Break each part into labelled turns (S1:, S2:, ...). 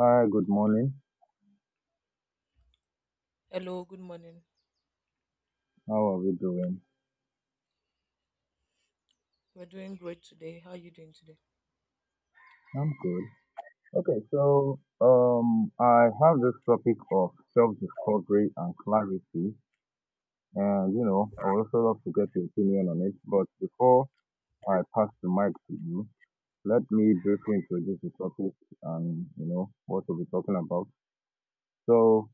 S1: Hi, good morning.
S2: Hello, good morning.
S1: How are we doing?
S2: We're doing great today. How are you doing today?
S1: I'm good. Okay, I have this topic of self-discovery and clarity, and you know, I would also love to get your opinion on it. But before I pass the mic to you, let me briefly introduce the topic and you know what we'll be talking about. So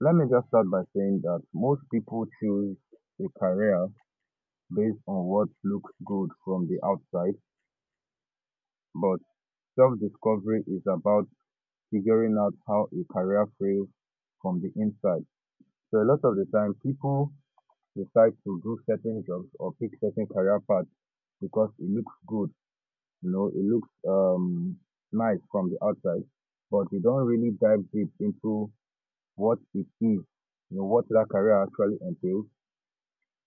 S1: let me just start by saying that most people choose a career based on what looks good from the outside, but self-discovery is about figuring out how a career fails from the inside. So a lot of the time, people decide to do certain jobs or pick certain career paths because it looks good, you know, it looks nice from the outside, but they don't really dive deep into what it is, what that career actually entails.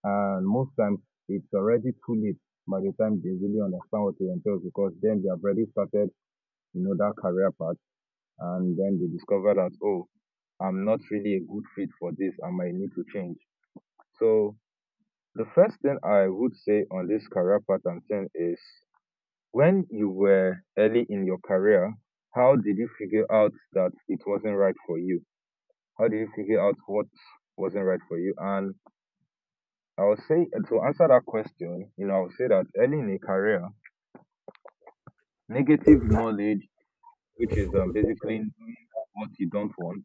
S1: And most times, it's already too late by the time they really understand what it entails because then they have already started, you know, that career path and then they discover that, oh, I'm not really a good fit for this, I might need to change. So the first thing I would say on this career pattern thing is, when you were early in your career, how did you figure out that it wasn't right for you? How did you figure out what wasn't right for you? And I would say, to answer that question, you know, I would say that early in a career, negative knowledge, which is basically knowing what you don't want,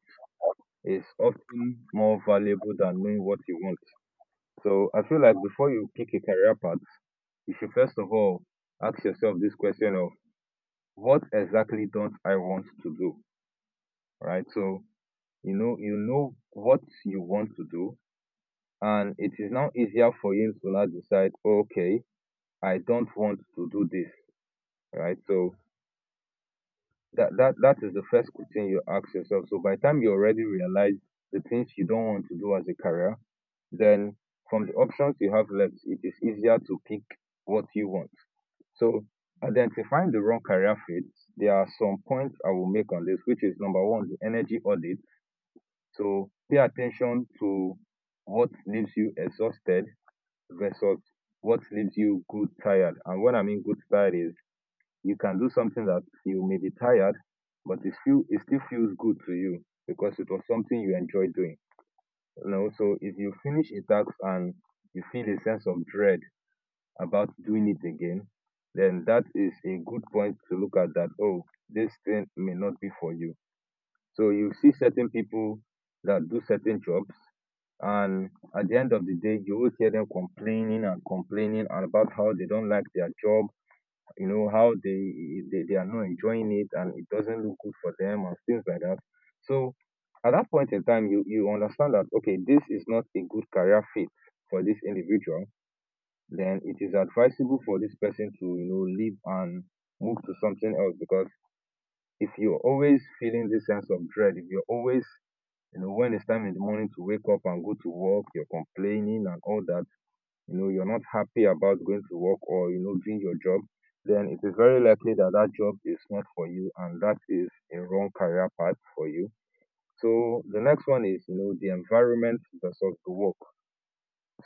S1: is often more valuable than knowing what you want. So I feel like before you pick a career path, you should first of all ask yourself this question of, what exactly don't I want to do? Right? So you know, you know what you want to do, and it is now easier for you to now decide, okay, I don't want to do this. Right? So that is the first question you ask yourself. So by the time you already realize the things you don't want to do as a career, then from the options you have left, it is easier to pick what you want. So identifying the wrong career fit, there are some points I will make on this, which is number one, the energy audit. So pay attention to what leaves you exhausted versus what leaves you good tired. And what I mean good tired is, you can do something that you may be tired, but it still feels good to you because it was something you enjoy doing. You know, so if you finish a task and you feel a sense of dread about doing it again, then that is a good point to look at, that, oh, this thing may not be for you. So you see certain people that do certain jobs and at the end of the day you will hear them complaining and complaining about how they don't like their job, you know, how they they are not enjoying it and it doesn't look good for them and things like that. So at that point in time, you understand that, okay, this is not a good career fit for this individual. Then it is advisable for this person to, you know, leave and move to something else, because if you're always feeling this sense of dread, if you're always, you know, when it's time in the morning to wake up and go to work, you're complaining and all that, you know, you're not happy about going to work or, you know, doing your job, then it is very likely that that job is not for you and that is a wrong career path for you. So the next one is, you know, the environment versus the work.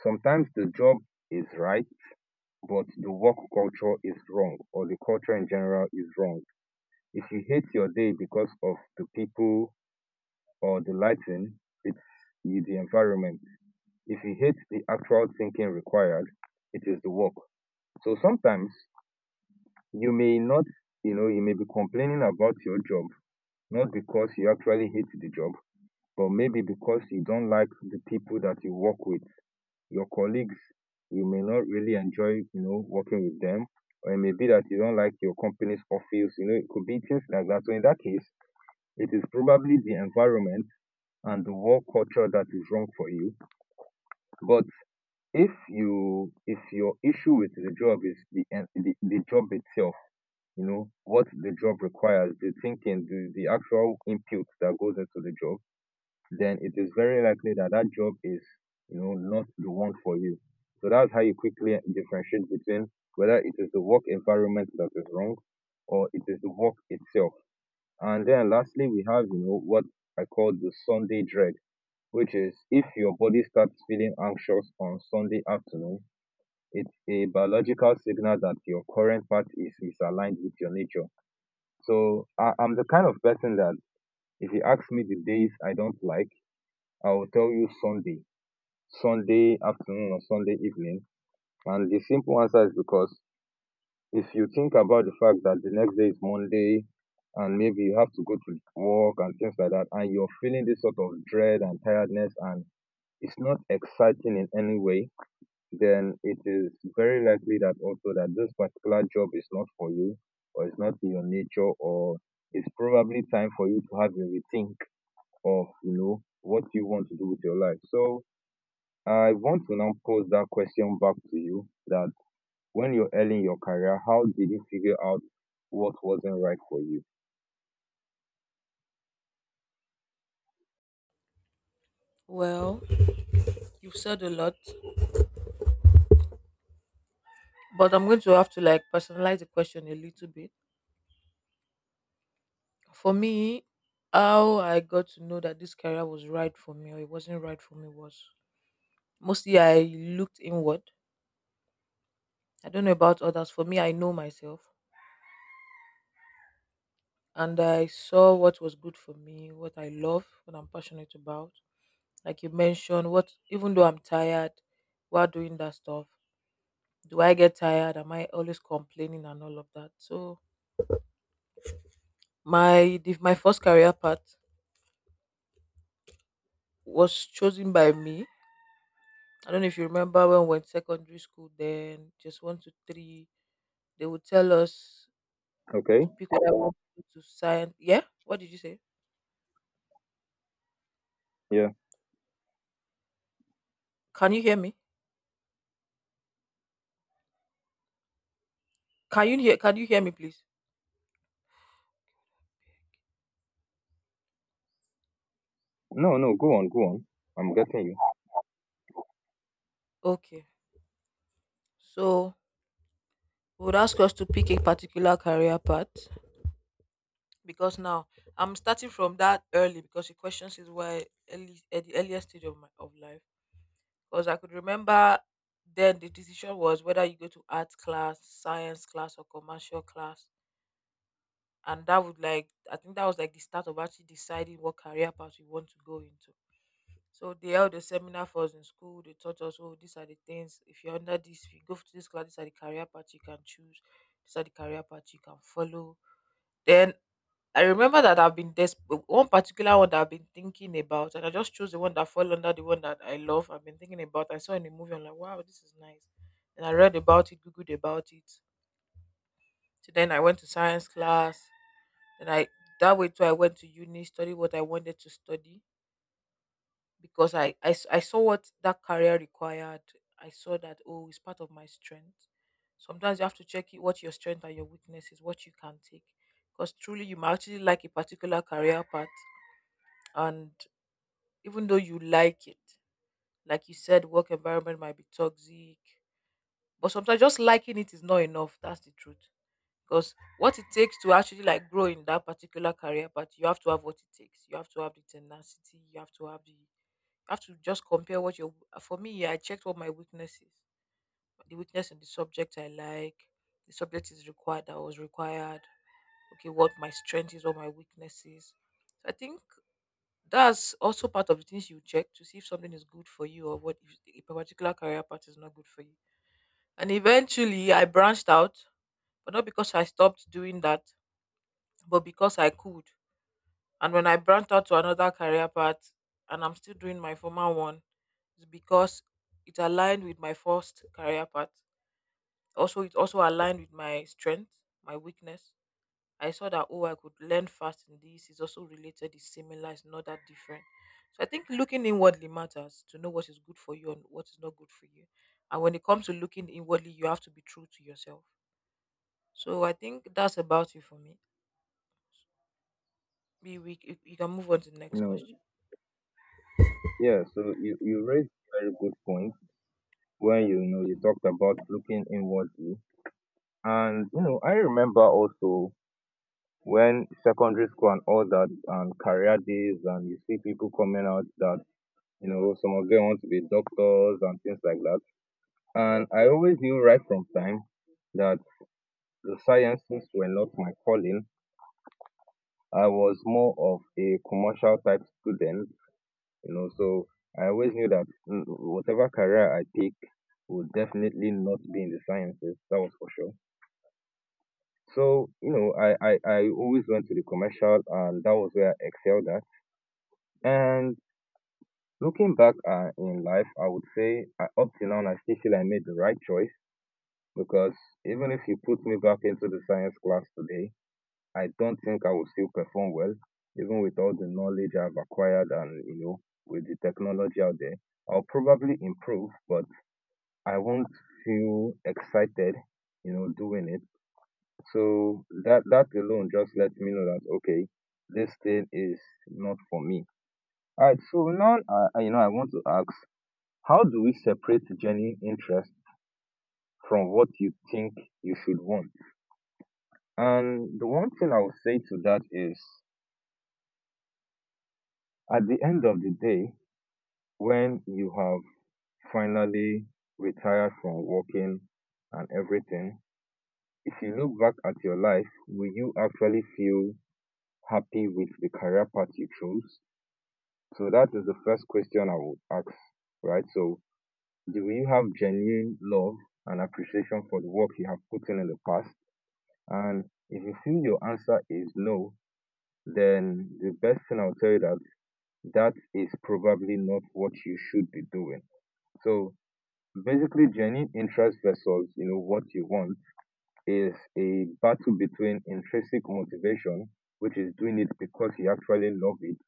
S1: Sometimes the job is right, but the work culture is wrong, or the culture in general is wrong. If you hate your day because of the people or the lighting, it's the environment. If you hate the actual thinking required, it is the work. So sometimes you may not, you know, you may be complaining about your job, not because you actually hate the job, but maybe because you don't like the people that you work with, your colleagues. You may not really enjoy, you know, working with them, or it may be that you don't like your company's office. You know, it could be things like that. So in that case, it is probably the environment and the work culture that is wrong for you. But if you, if your issue with the job is the the job itself, you know, what the job requires, the thinking, the actual input that goes into the job, then it is very likely that that job is, you know, not the one for you. So that's how you quickly differentiate between whether it is the work environment that is wrong or it is the work itself. And then lastly, we have, you know, what I call the Sunday dread, which is, if your body starts feeling anxious on Sunday afternoon, it's a biological signal that your current path is misaligned with your nature. So I'm the kind of person that if you ask me the days I don't like, I will tell you Sunday, Sunday afternoon or Sunday evening. And the simple answer is because if you think about the fact that the next day is Monday and maybe you have to go to work and things like that, and you're feeling this sort of dread and tiredness and it's not exciting in any way, then it is very likely that also that this particular job is not for you, or it's not in your nature, or it's probably time for you to have a rethink of, you know, what you want to do with your life. So I want to now pose that question back to you, that when you're early in your career, how did you figure out what wasn't right for you?
S2: Well, you've said a lot, but I'm going to have to like personalize the question a little bit. For me, how I got to know that this career was right for me or it wasn't right for me was mostly I looked inward. I don't know about others. For me, I know myself and I saw what was good for me, what I love, what I'm passionate about. Like you mentioned, what even though I'm tired while doing that stuff, do I get tired? Am I always complaining and all of that? So my first career path was chosen by me. I don't know if you remember when we were in secondary school. Then just one to three, they would tell us
S1: Okay.
S2: to pick whether we want to go to science. Yeah, what did you say?
S1: Yeah.
S2: Can you hear me? Can you hear? Can you hear me, please?
S1: No, go on, go on, I'm getting you.
S2: Okay. So we would ask us to pick a particular career path because now I'm starting from that early, because the question is why early at the earliest stage of my of life. Because I could remember then the decision was whether you go to art class, science class, or commercial class. And that would like, I think that was like the start of actually deciding what career path we want to go into. So they held a seminar for us in school. They taught us, oh, these are the things. If you're under this, if you go to this class, these are the career path you can choose. These are the career path you can follow. Then I remember that I've been this one particular one that I've been thinking about, and I just chose the one that fell under the one that I love. I've been thinking about. I saw in a movie. I'm like, wow, this is nice. And I read about it, googled about it. So then I went to science class. And I that way too. I went to uni, study what I wanted to study because I saw what that career required. I saw that, oh, it's part of my strength. Sometimes you have to check it, what your strength and your weakness is, what you can take, because truly you might actually like a particular career path, and even though you like it. Like you said, work environment might be toxic, but sometimes just liking it is not enough. That's the truth. Because what it takes to actually like grow in that particular career, but you have to have what it takes. You have to have the tenacity. You have to have the. You have to just compare what your. For me, I checked what my weakness is. The weakness in the subject I like, the subject is required that was required, okay, what my strength is, what my weakness is. So I think that's also part of the things you check to see if something is good for you, or what if a particular career path is not good for you. And eventually, I branched out, but not because I stopped doing that, but because I could. And when I branched out to another career path, and I'm still doing my former one, it's because it aligned with my first career path. Also, it also aligned with my strength, my weakness. I saw that, oh, I could learn fast in this. It's also related. It's similar. It's not that different. So I think looking inwardly matters to know what is good for you and what is not good for you. And when it comes to looking inwardly, you have to be true to yourself. So I think that's about it for me. We you you can move on to the
S1: You
S2: next
S1: know,
S2: question.
S1: yeah, so you raised a very good point when, you know, you talked about looking inwardly. And you know, I remember also when secondary school and all that and career days and you see people coming out that, you know, some of them want to be doctors and things like that. And I always knew right from time that the sciences were not my calling. I was more of a commercial type student, you know, so I always knew that, whatever career I pick would definitely not be in the sciences, that was for sure. So, you know, I always went to the commercial and that was where I excelled at. And looking back in life, I would say I, up till now, I still feel I made the right choice, because even if you put me back into the science class today, I don't think I would still perform well, even with all the knowledge I've acquired and, you know, with the technology out there. I'll probably improve, but I won't feel excited, you know, doing it. So that alone just lets me know that, okay, this thing is not for me. All right. So now, you know, I want to ask, how do we separate genuine interest from what you think you should want? And the one thing I would say to that is, at the end of the day, when you have finally retired from working and everything, if you look back at your life, will you actually feel happy with the career path you chose? So that is the first question I would ask, right? So do you have genuine love and appreciation for the work you have put in the past? And if you feel your answer is no, then the best thing I'll tell you that that is probably not what you should be doing. So basically genuine interest versus, you know, what you want is a battle between intrinsic motivation, which is doing it because you actually love it,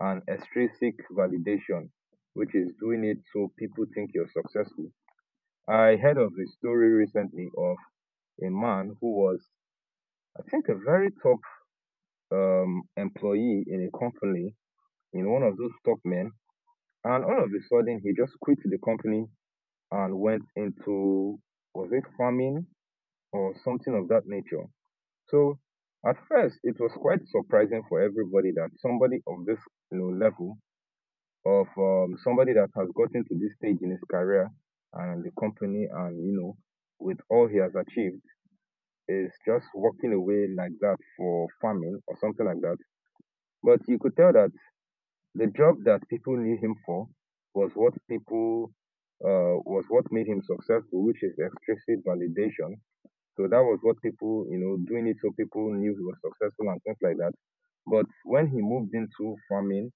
S1: and extrinsic validation, which is doing it so people think you're successful. I heard of a story recently of a man who was, I think, a very top employee in a company, in one of those top men, and all of a sudden he just quit the company and went into, was it farming or something of that nature? So at first, it was quite surprising for everybody that somebody of this level of somebody that has gotten to this stage in his career and the company and with all he has achieved is just walking away like that for farming or something like that, but you could tell that the job that people knew him for was what people was what made him successful, which is extrinsic validation. So that was what people, doing it, so people knew he was successful and things like that. But when he moved into farming,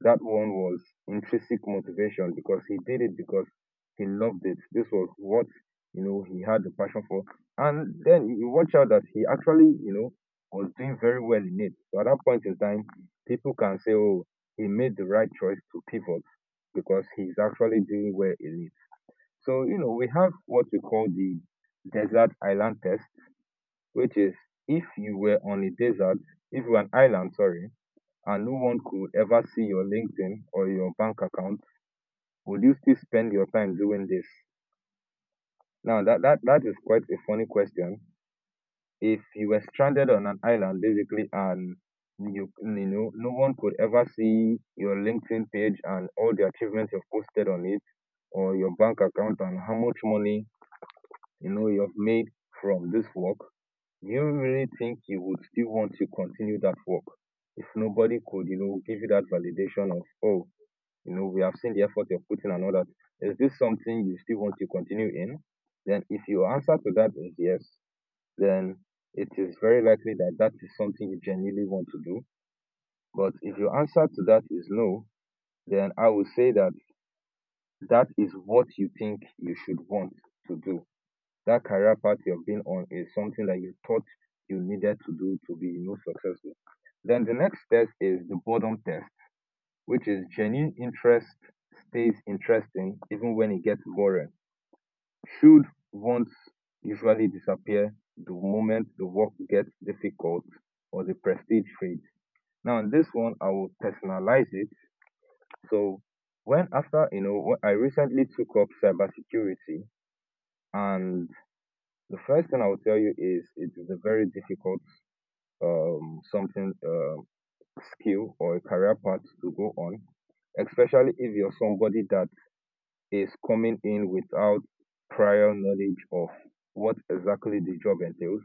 S1: that one was intrinsic motivation because he did it because he loved it. This was what, you know, he had the passion for. And then you watch out that he actually, was doing very well in it. So at that point in time, people can say, oh, he made the right choice to pivot because he's actually doing well in it. So, we have what we call the desert island test, which is if you were on a desert, if you were an island, sorry, and no one could ever see your LinkedIn or your bank account, would you still spend your time doing this? Now that is quite a funny question. If you were stranded on an island basically and no one could ever see your LinkedIn page and all the achievements you've posted on it, or your bank account and how much money you've made from this work, do you really think you would still want to continue that work if nobody could, give you that validation of, oh, you know, we have seen the effort you're putting and all that? Is this something you still want to continue in? Then, if your answer to that is yes, then it is very likely that that is something you genuinely want to do. But if your answer to that is no, then I would say that that is what you think you should want to do. That career path you've been on is something that you thought you needed to do to be, successful. Then the next test is the boredom test, which is genuine interest stays interesting even when it gets boring. Should wants usually disappear the moment the work gets difficult or the prestige fades. Now, in this one, I will personalize it. So, when after, when I recently took up cybersecurity, and the first thing I will tell you is it is a very difficult something skill or a career path to go on, especially if you're somebody that is coming in without prior knowledge of what exactly the job entails.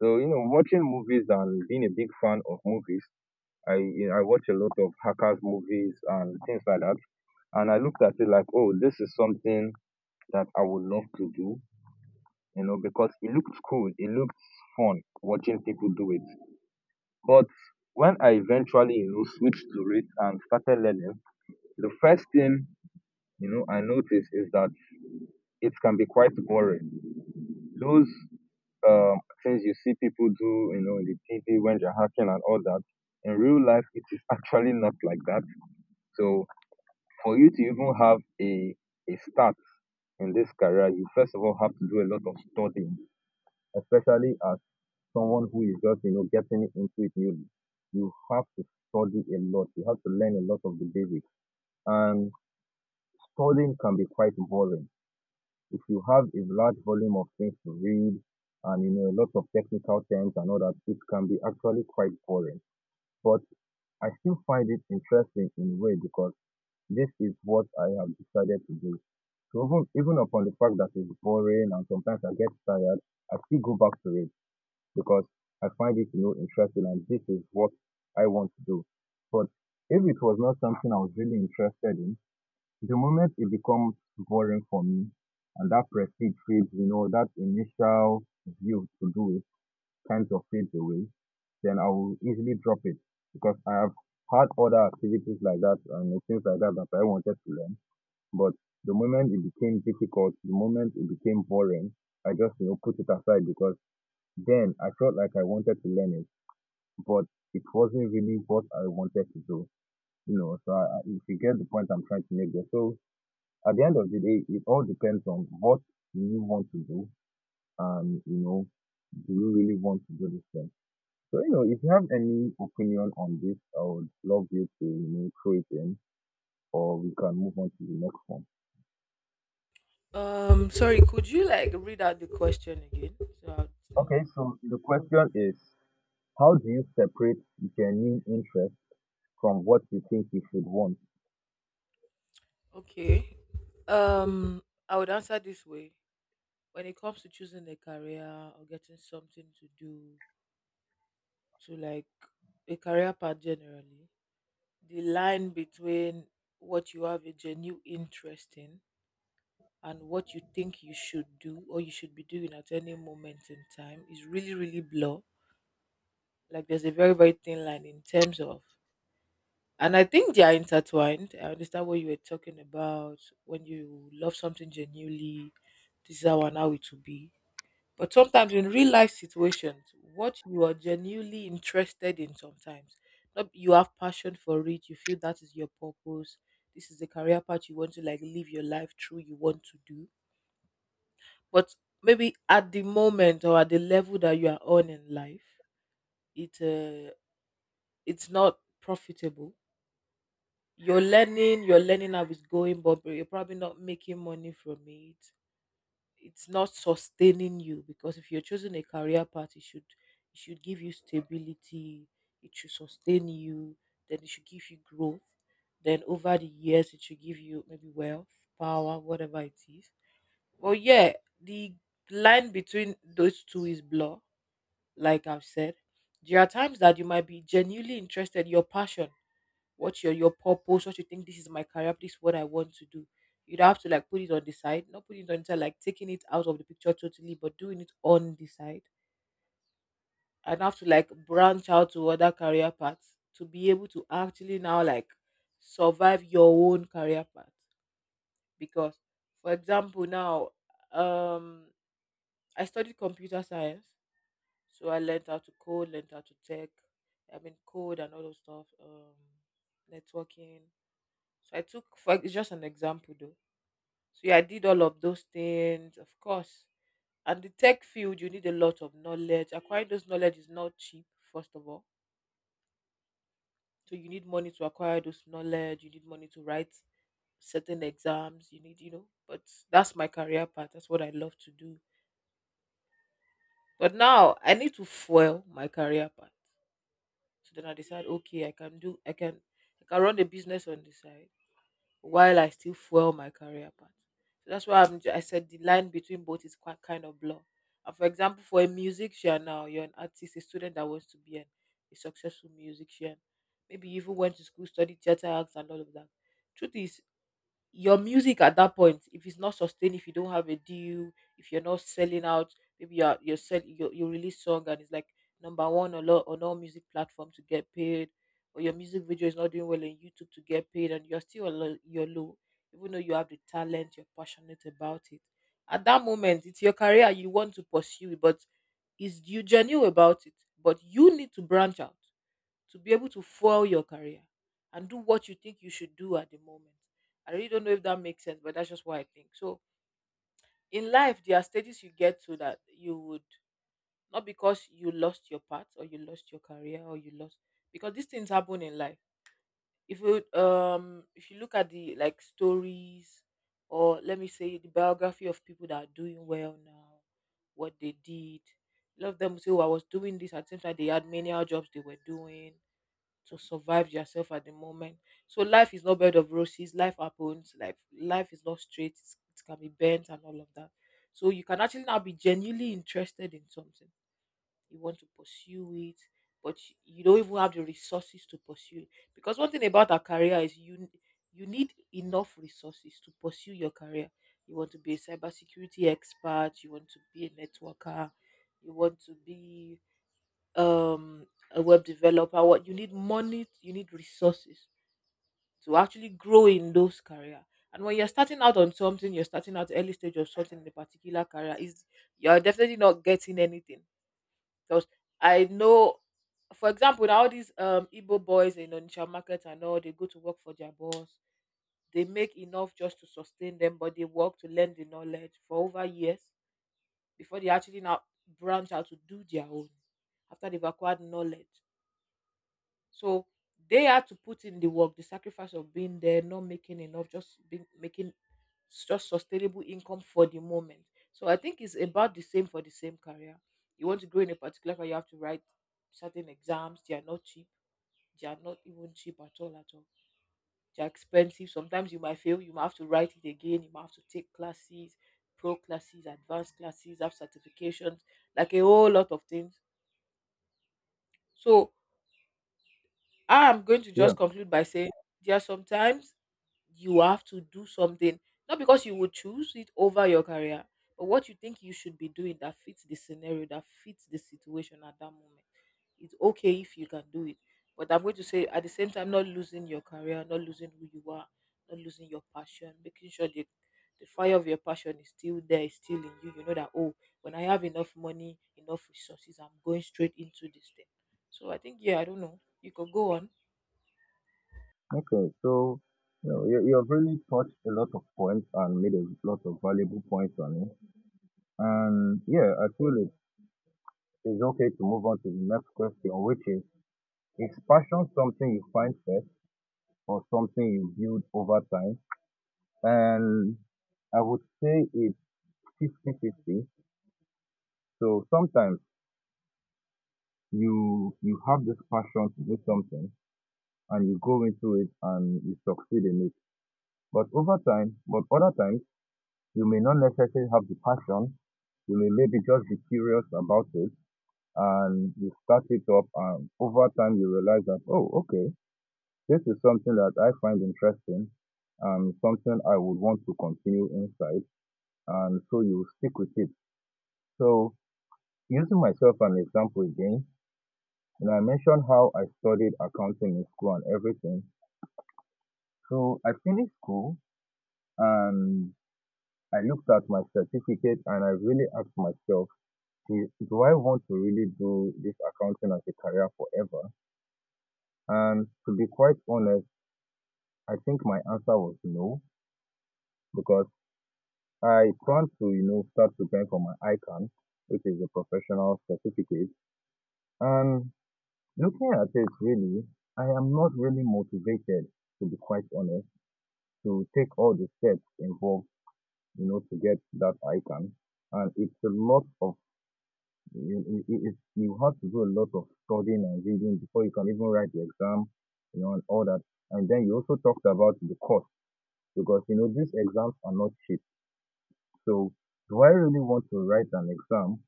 S1: So, watching movies and being a big fan of movies, I watch a lot of hackers movies and things like that. And I looked at it like, oh, this is something that I would love to do, because it looks cool, it looks fun watching people do it. But when I eventually, switched to it and started learning, the first thing, I noticed is that it can be quite boring. Those um, things you see people do, in the TV when they're hacking and all that, in real life, it is actually not like that. So for you to even have a start in this career, you first of all have to do a lot of studying, especially as someone who is just, getting into it newly. You have to study a lot. You have to learn a lot of the basics. And studying can be quite boring if you have a large volume of things to read, and you know a lot of technical terms and all that, it can be actually quite boring. But I still find it interesting in a way because this is what I have decided to do. So even upon the fact that it's boring and sometimes I get tired, I still go back to it because I find it interesting, and this is what I want to do. But if it was not something I was really interested in, the moment it becomes boring for me and that prestige fades, that initial view to do it kind of fades away, then I will easily drop it because I have had other activities like that and things like that that I wanted to learn. But the moment it became difficult, the moment it became boring, I just, put it aside because then I felt like I wanted to learn it, but it wasn't really what I wanted to do. So if you get the point I'm trying to make there. So at the end of the day, it all depends on what you want to do, and, do you really want to do this thing? So, if you have any opinion on this, I would love you to, throw it in, or we can move on to the next one.
S2: Sorry, could you like read out the question again so I'll know where
S1: Okay,
S2: I'm coming
S1: so the question is, how do you separate genuine interest from what you think you should want?
S2: from? Okay. Um, I would answer this way. When it comes to choosing a career or getting something to do, to like a career path generally, the line between what you have a genuine interest in and what you think you should do or you should be doing at any moment in time is really, really blur. Like there's a very, very thin line in terms of, and I think they are intertwined. I understand what you were talking about when you love something genuinely, this is how and how it will be. But sometimes in real life situations, what you are genuinely interested in sometimes, not you have passion for it, you feel that is your purpose, this is the career path you want to like live your life through, you want to do. But maybe at the moment or at the level that you are on in life, it uh, it's not profitable. You're learning how it's going, but you're probably not making money from it. It's not sustaining you, because if you're choosing a career path, it should give you stability, it should sustain you, then it should give you growth, then over the years it should give you maybe wealth, power, whatever it is. Well, yeah, the line between those two is blur, like I've said. There are times that you might be genuinely interested, your passion, what's your purpose, what you think, this is my career, this is what I want to do. You'd have to like put it on the side, not put it on the side like taking it out of the picture totally, but doing it on the side. And have to like branch out to other career paths to be able to actually now like survive your own career path. Because for example now, um I studied computer science. So I learned how to code, learned how to tech, I mean code, and all those stuff, networking. So I took for it's just an example though. So yeah, I did all of those things, of course. And the tech field, you need a lot of knowledge. Acquiring those knowledge is not cheap, first of all. So you need money to acquire those knowledge. You need money to write certain exams. You need, you know. But that's my career path. That's what I love to do. But now I need to fuel my career path. So then I decide, okay, I can do, I can run a business on the side, while I still fuel my career path. So that's why I'm, I said the line between both is quite kind of blur. And for example, for a musician now, you're an artist, a student that wants to be a successful musician. Maybe you even went to school, studied theater acts and all of that. Truth is, your music at that point, if it's not sustained, if you don't have a deal, if you're not selling out, maybe you release song and it's like number one on all music platform to get paid, or your music video is not doing well on YouTube to get paid, and you're still you're low, even though you have the talent, you're passionate about it, at that moment it's your career you want to pursue, but is you genuine about it, but you need to branch out to be able to fuel your career and do what you think you should do at the moment. I really don't know if that makes sense, but that's just what I think. So in life, there are stages you get to that you would not, because you lost your path or you lost your career or you lost, because these things happen in life. If you look at the like stories, or let me say the biography of people that are doing well now, what they did, a lot of them will say, oh, I was doing this at the same time they had menial jobs they were doing to survive yourself at the moment. So life is not bed of roses. Life happens. Life is not straight. It can be bent and all of that. So you can actually now be genuinely interested in something. You want to pursue it, but you don't even have the resources to pursue it. Because one thing about a career is you need enough resources to pursue your career. You want to be a cybersecurity expert. You want to be a networker. You want to be um, a web developer, what you need money, you need resources to actually grow in those career. And when you're starting out on something, you're starting out early stage of something in a particular career, is you're definitely not getting anything. Because I know, for example, now all these Igbo boys in Onitsha market and all, they go to work for their boss. They make enough just to sustain them, but they work to learn the knowledge for over years before they actually now branch out to do their own after they've acquired knowledge. So they had to put in the work, the sacrifice of being there, not making enough, just being making just sustainable income for the moment. So I think it's about the same for the same career. You want to grow in a particular career, you have to write certain exams. They are not cheap. They are not even cheap at all at all. They are expensive. Sometimes you might fail. You might have to write it again. You might have to take classes, pro classes, advanced classes, have certifications, like a whole lot of things. So I'm going to
S1: Yeah,
S2: just conclude by saying there are sometimes you have to do something, not because you would choose it over your career, but what you think you should be doing that fits the scenario, that fits the situation at that moment. It's okay if you can do it. But I'm going to say at the same time, not losing your career, not losing who you are, not losing your passion, making sure the fire of your passion is still there, is still in you. You know that, oh, when I have enough money, enough resources, I'm going straight into this thing. So I think, yeah, I don't know. You could go on.
S1: okay, so, you've really touched a lot of points and made a lot of valuable points on it. And yeah, I feel it, it's okay to move on to the next question, which is passion something you find first or something you build over time? And I would say it's fifty-fifty. So sometimes you have this passion to do something and you go into it and you succeed in it. But over time, but other times you may not necessarily have the passion. You may maybe just be curious about it, and you start it up, and over time you realize that, oh, okay, this is something that I find interesting and something I would want to continue inside, and so you stick with it. So, using myself as an example again, and I mentioned how I studied accounting in school and everything. So, I finished school, and I looked at my certificate and I really asked myself, do I want to really do this accounting as a career forever? And to be quite honest, I think my answer was no, because I plan to start preparing for my ICANN, which is a professional certificate. And looking at it, really, I am not really motivated, to be quite honest, to take all the steps involved, you know, to get that ICANN. And it's a lot of it's, you have to do a lot of studying and reading before you can even write the exam, you know, and all that. And then you also talked about the cost because you know these exams are not cheap. So do I really want to write an exam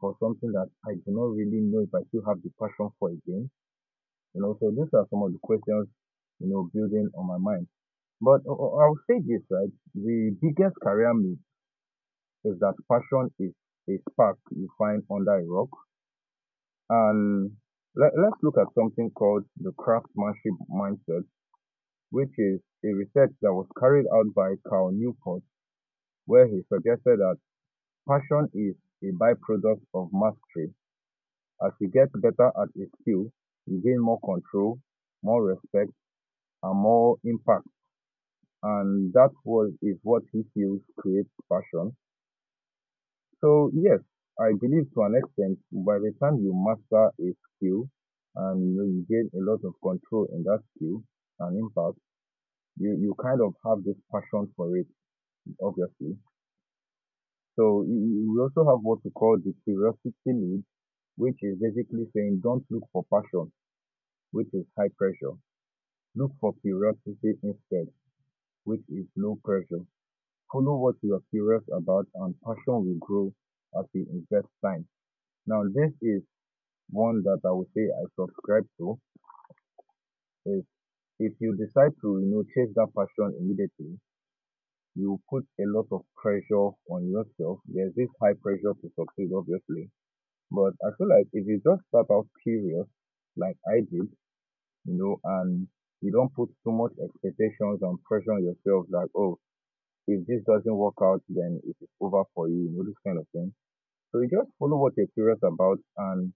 S1: for something that I do not really know if I still have the passion for again? You know, so these are some of the questions, you know, building on my mind. But I will say this, right? The biggest career myth is that passion is a spark you find under a rock. And let's look at something called the craftsmanship mindset, which is a research that was carried out by Carl Newport, where he suggested that passion is a byproduct of mastery. As you get better at a skill, you gain more control, more respect, and more impact. And that was is what he feels creates passion. So yes, I believe to an extent, by the time you master a skill and you gain a lot of control in that skill and impact, you kind of have this passion for it, obviously. So we also have what we call the curiosity lead, which is basically saying don't look for passion, which is high pressure. Look for curiosity instead, which is low pressure. Follow what you are curious about and passion will grow as you invest time. Now, this is one that I would say I subscribe to is, if you decide to, you know, chase that passion immediately, you put a lot of pressure on yourself. There's this high pressure to succeed, obviously. But I feel like if you just start out curious, like I did, you know, and you don't put too much expectations and pressure on yourself, like, oh, if this doesn't work out, then it is over for you, you know, this kind of thing. So you just follow what you're curious about, and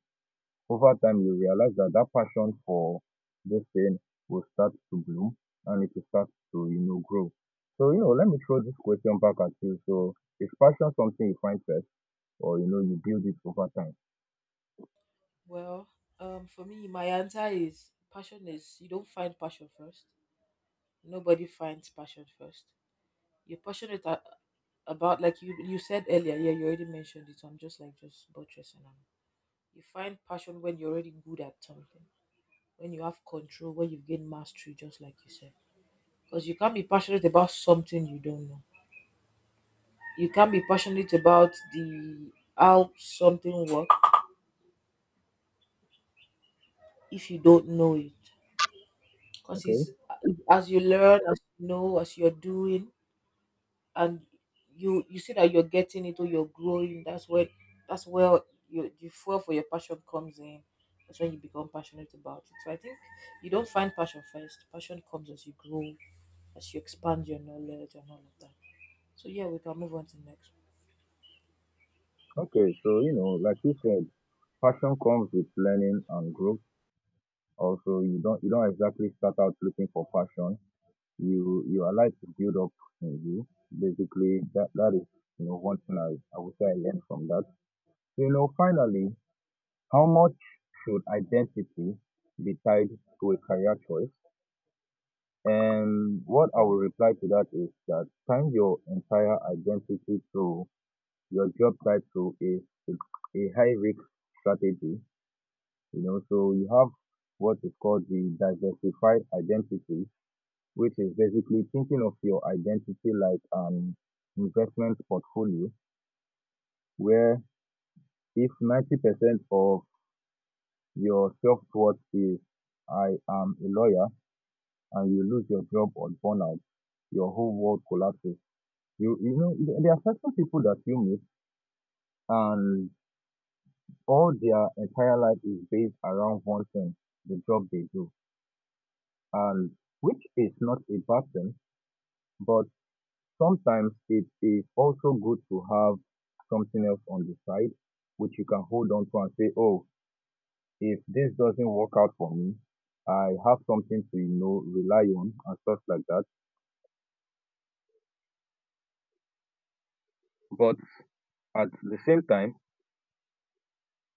S1: over time you realize that that passion for this thing will start to bloom and it will start to, grow. So, let me throw this question back at you. So is passion something you find first or, you build it over time?
S2: Well, for me, my answer is passion is you don't find passion first. Nobody finds passion first. You're passionate about, like you said earlier. Yeah, you already mentioned it. So I'm just like just buttressing on. You find passion when you're already good at something, when you have control, when you've gained mastery, just like you said. Because you can't be passionate about something you don't know. You can't be passionate about the how something works if you don't know it, because
S1: Okay.
S2: it's as you learn, as you know, as you're doing, and you see that you're getting it or you're growing, that's where you the fuel for your passion comes in. That's when you become passionate about it. So I think you don't find passion first. Passion comes as you grow, as you expand your knowledge and all of that. So yeah, we can move on to the next.
S1: Okay. So, like you said, passion comes with learning and growth. Also, you don't exactly start out looking for passion, you are like to build up in you. Basically, that is, one thing I would say I learned from that. So, finally, how much should identity be tied to a career choice? And what I will reply to that is that tying your entire identity to your job title is a high risk strategy. You know, so you have what is called the diversified identity, which is basically thinking of your identity like an investment portfolio where if 90% of your self-worth is "I am a lawyer" and you lose your job or burn out, your whole world collapses. You know, there are certain people that you meet, and all their entire life is based around one thing, the job they do. And which is not a bad thing, but sometimes it is also good to have something else on the side which you can hold on to and say, oh, if this doesn't work out for me, I have something to, rely on and stuff like that. But at the same time,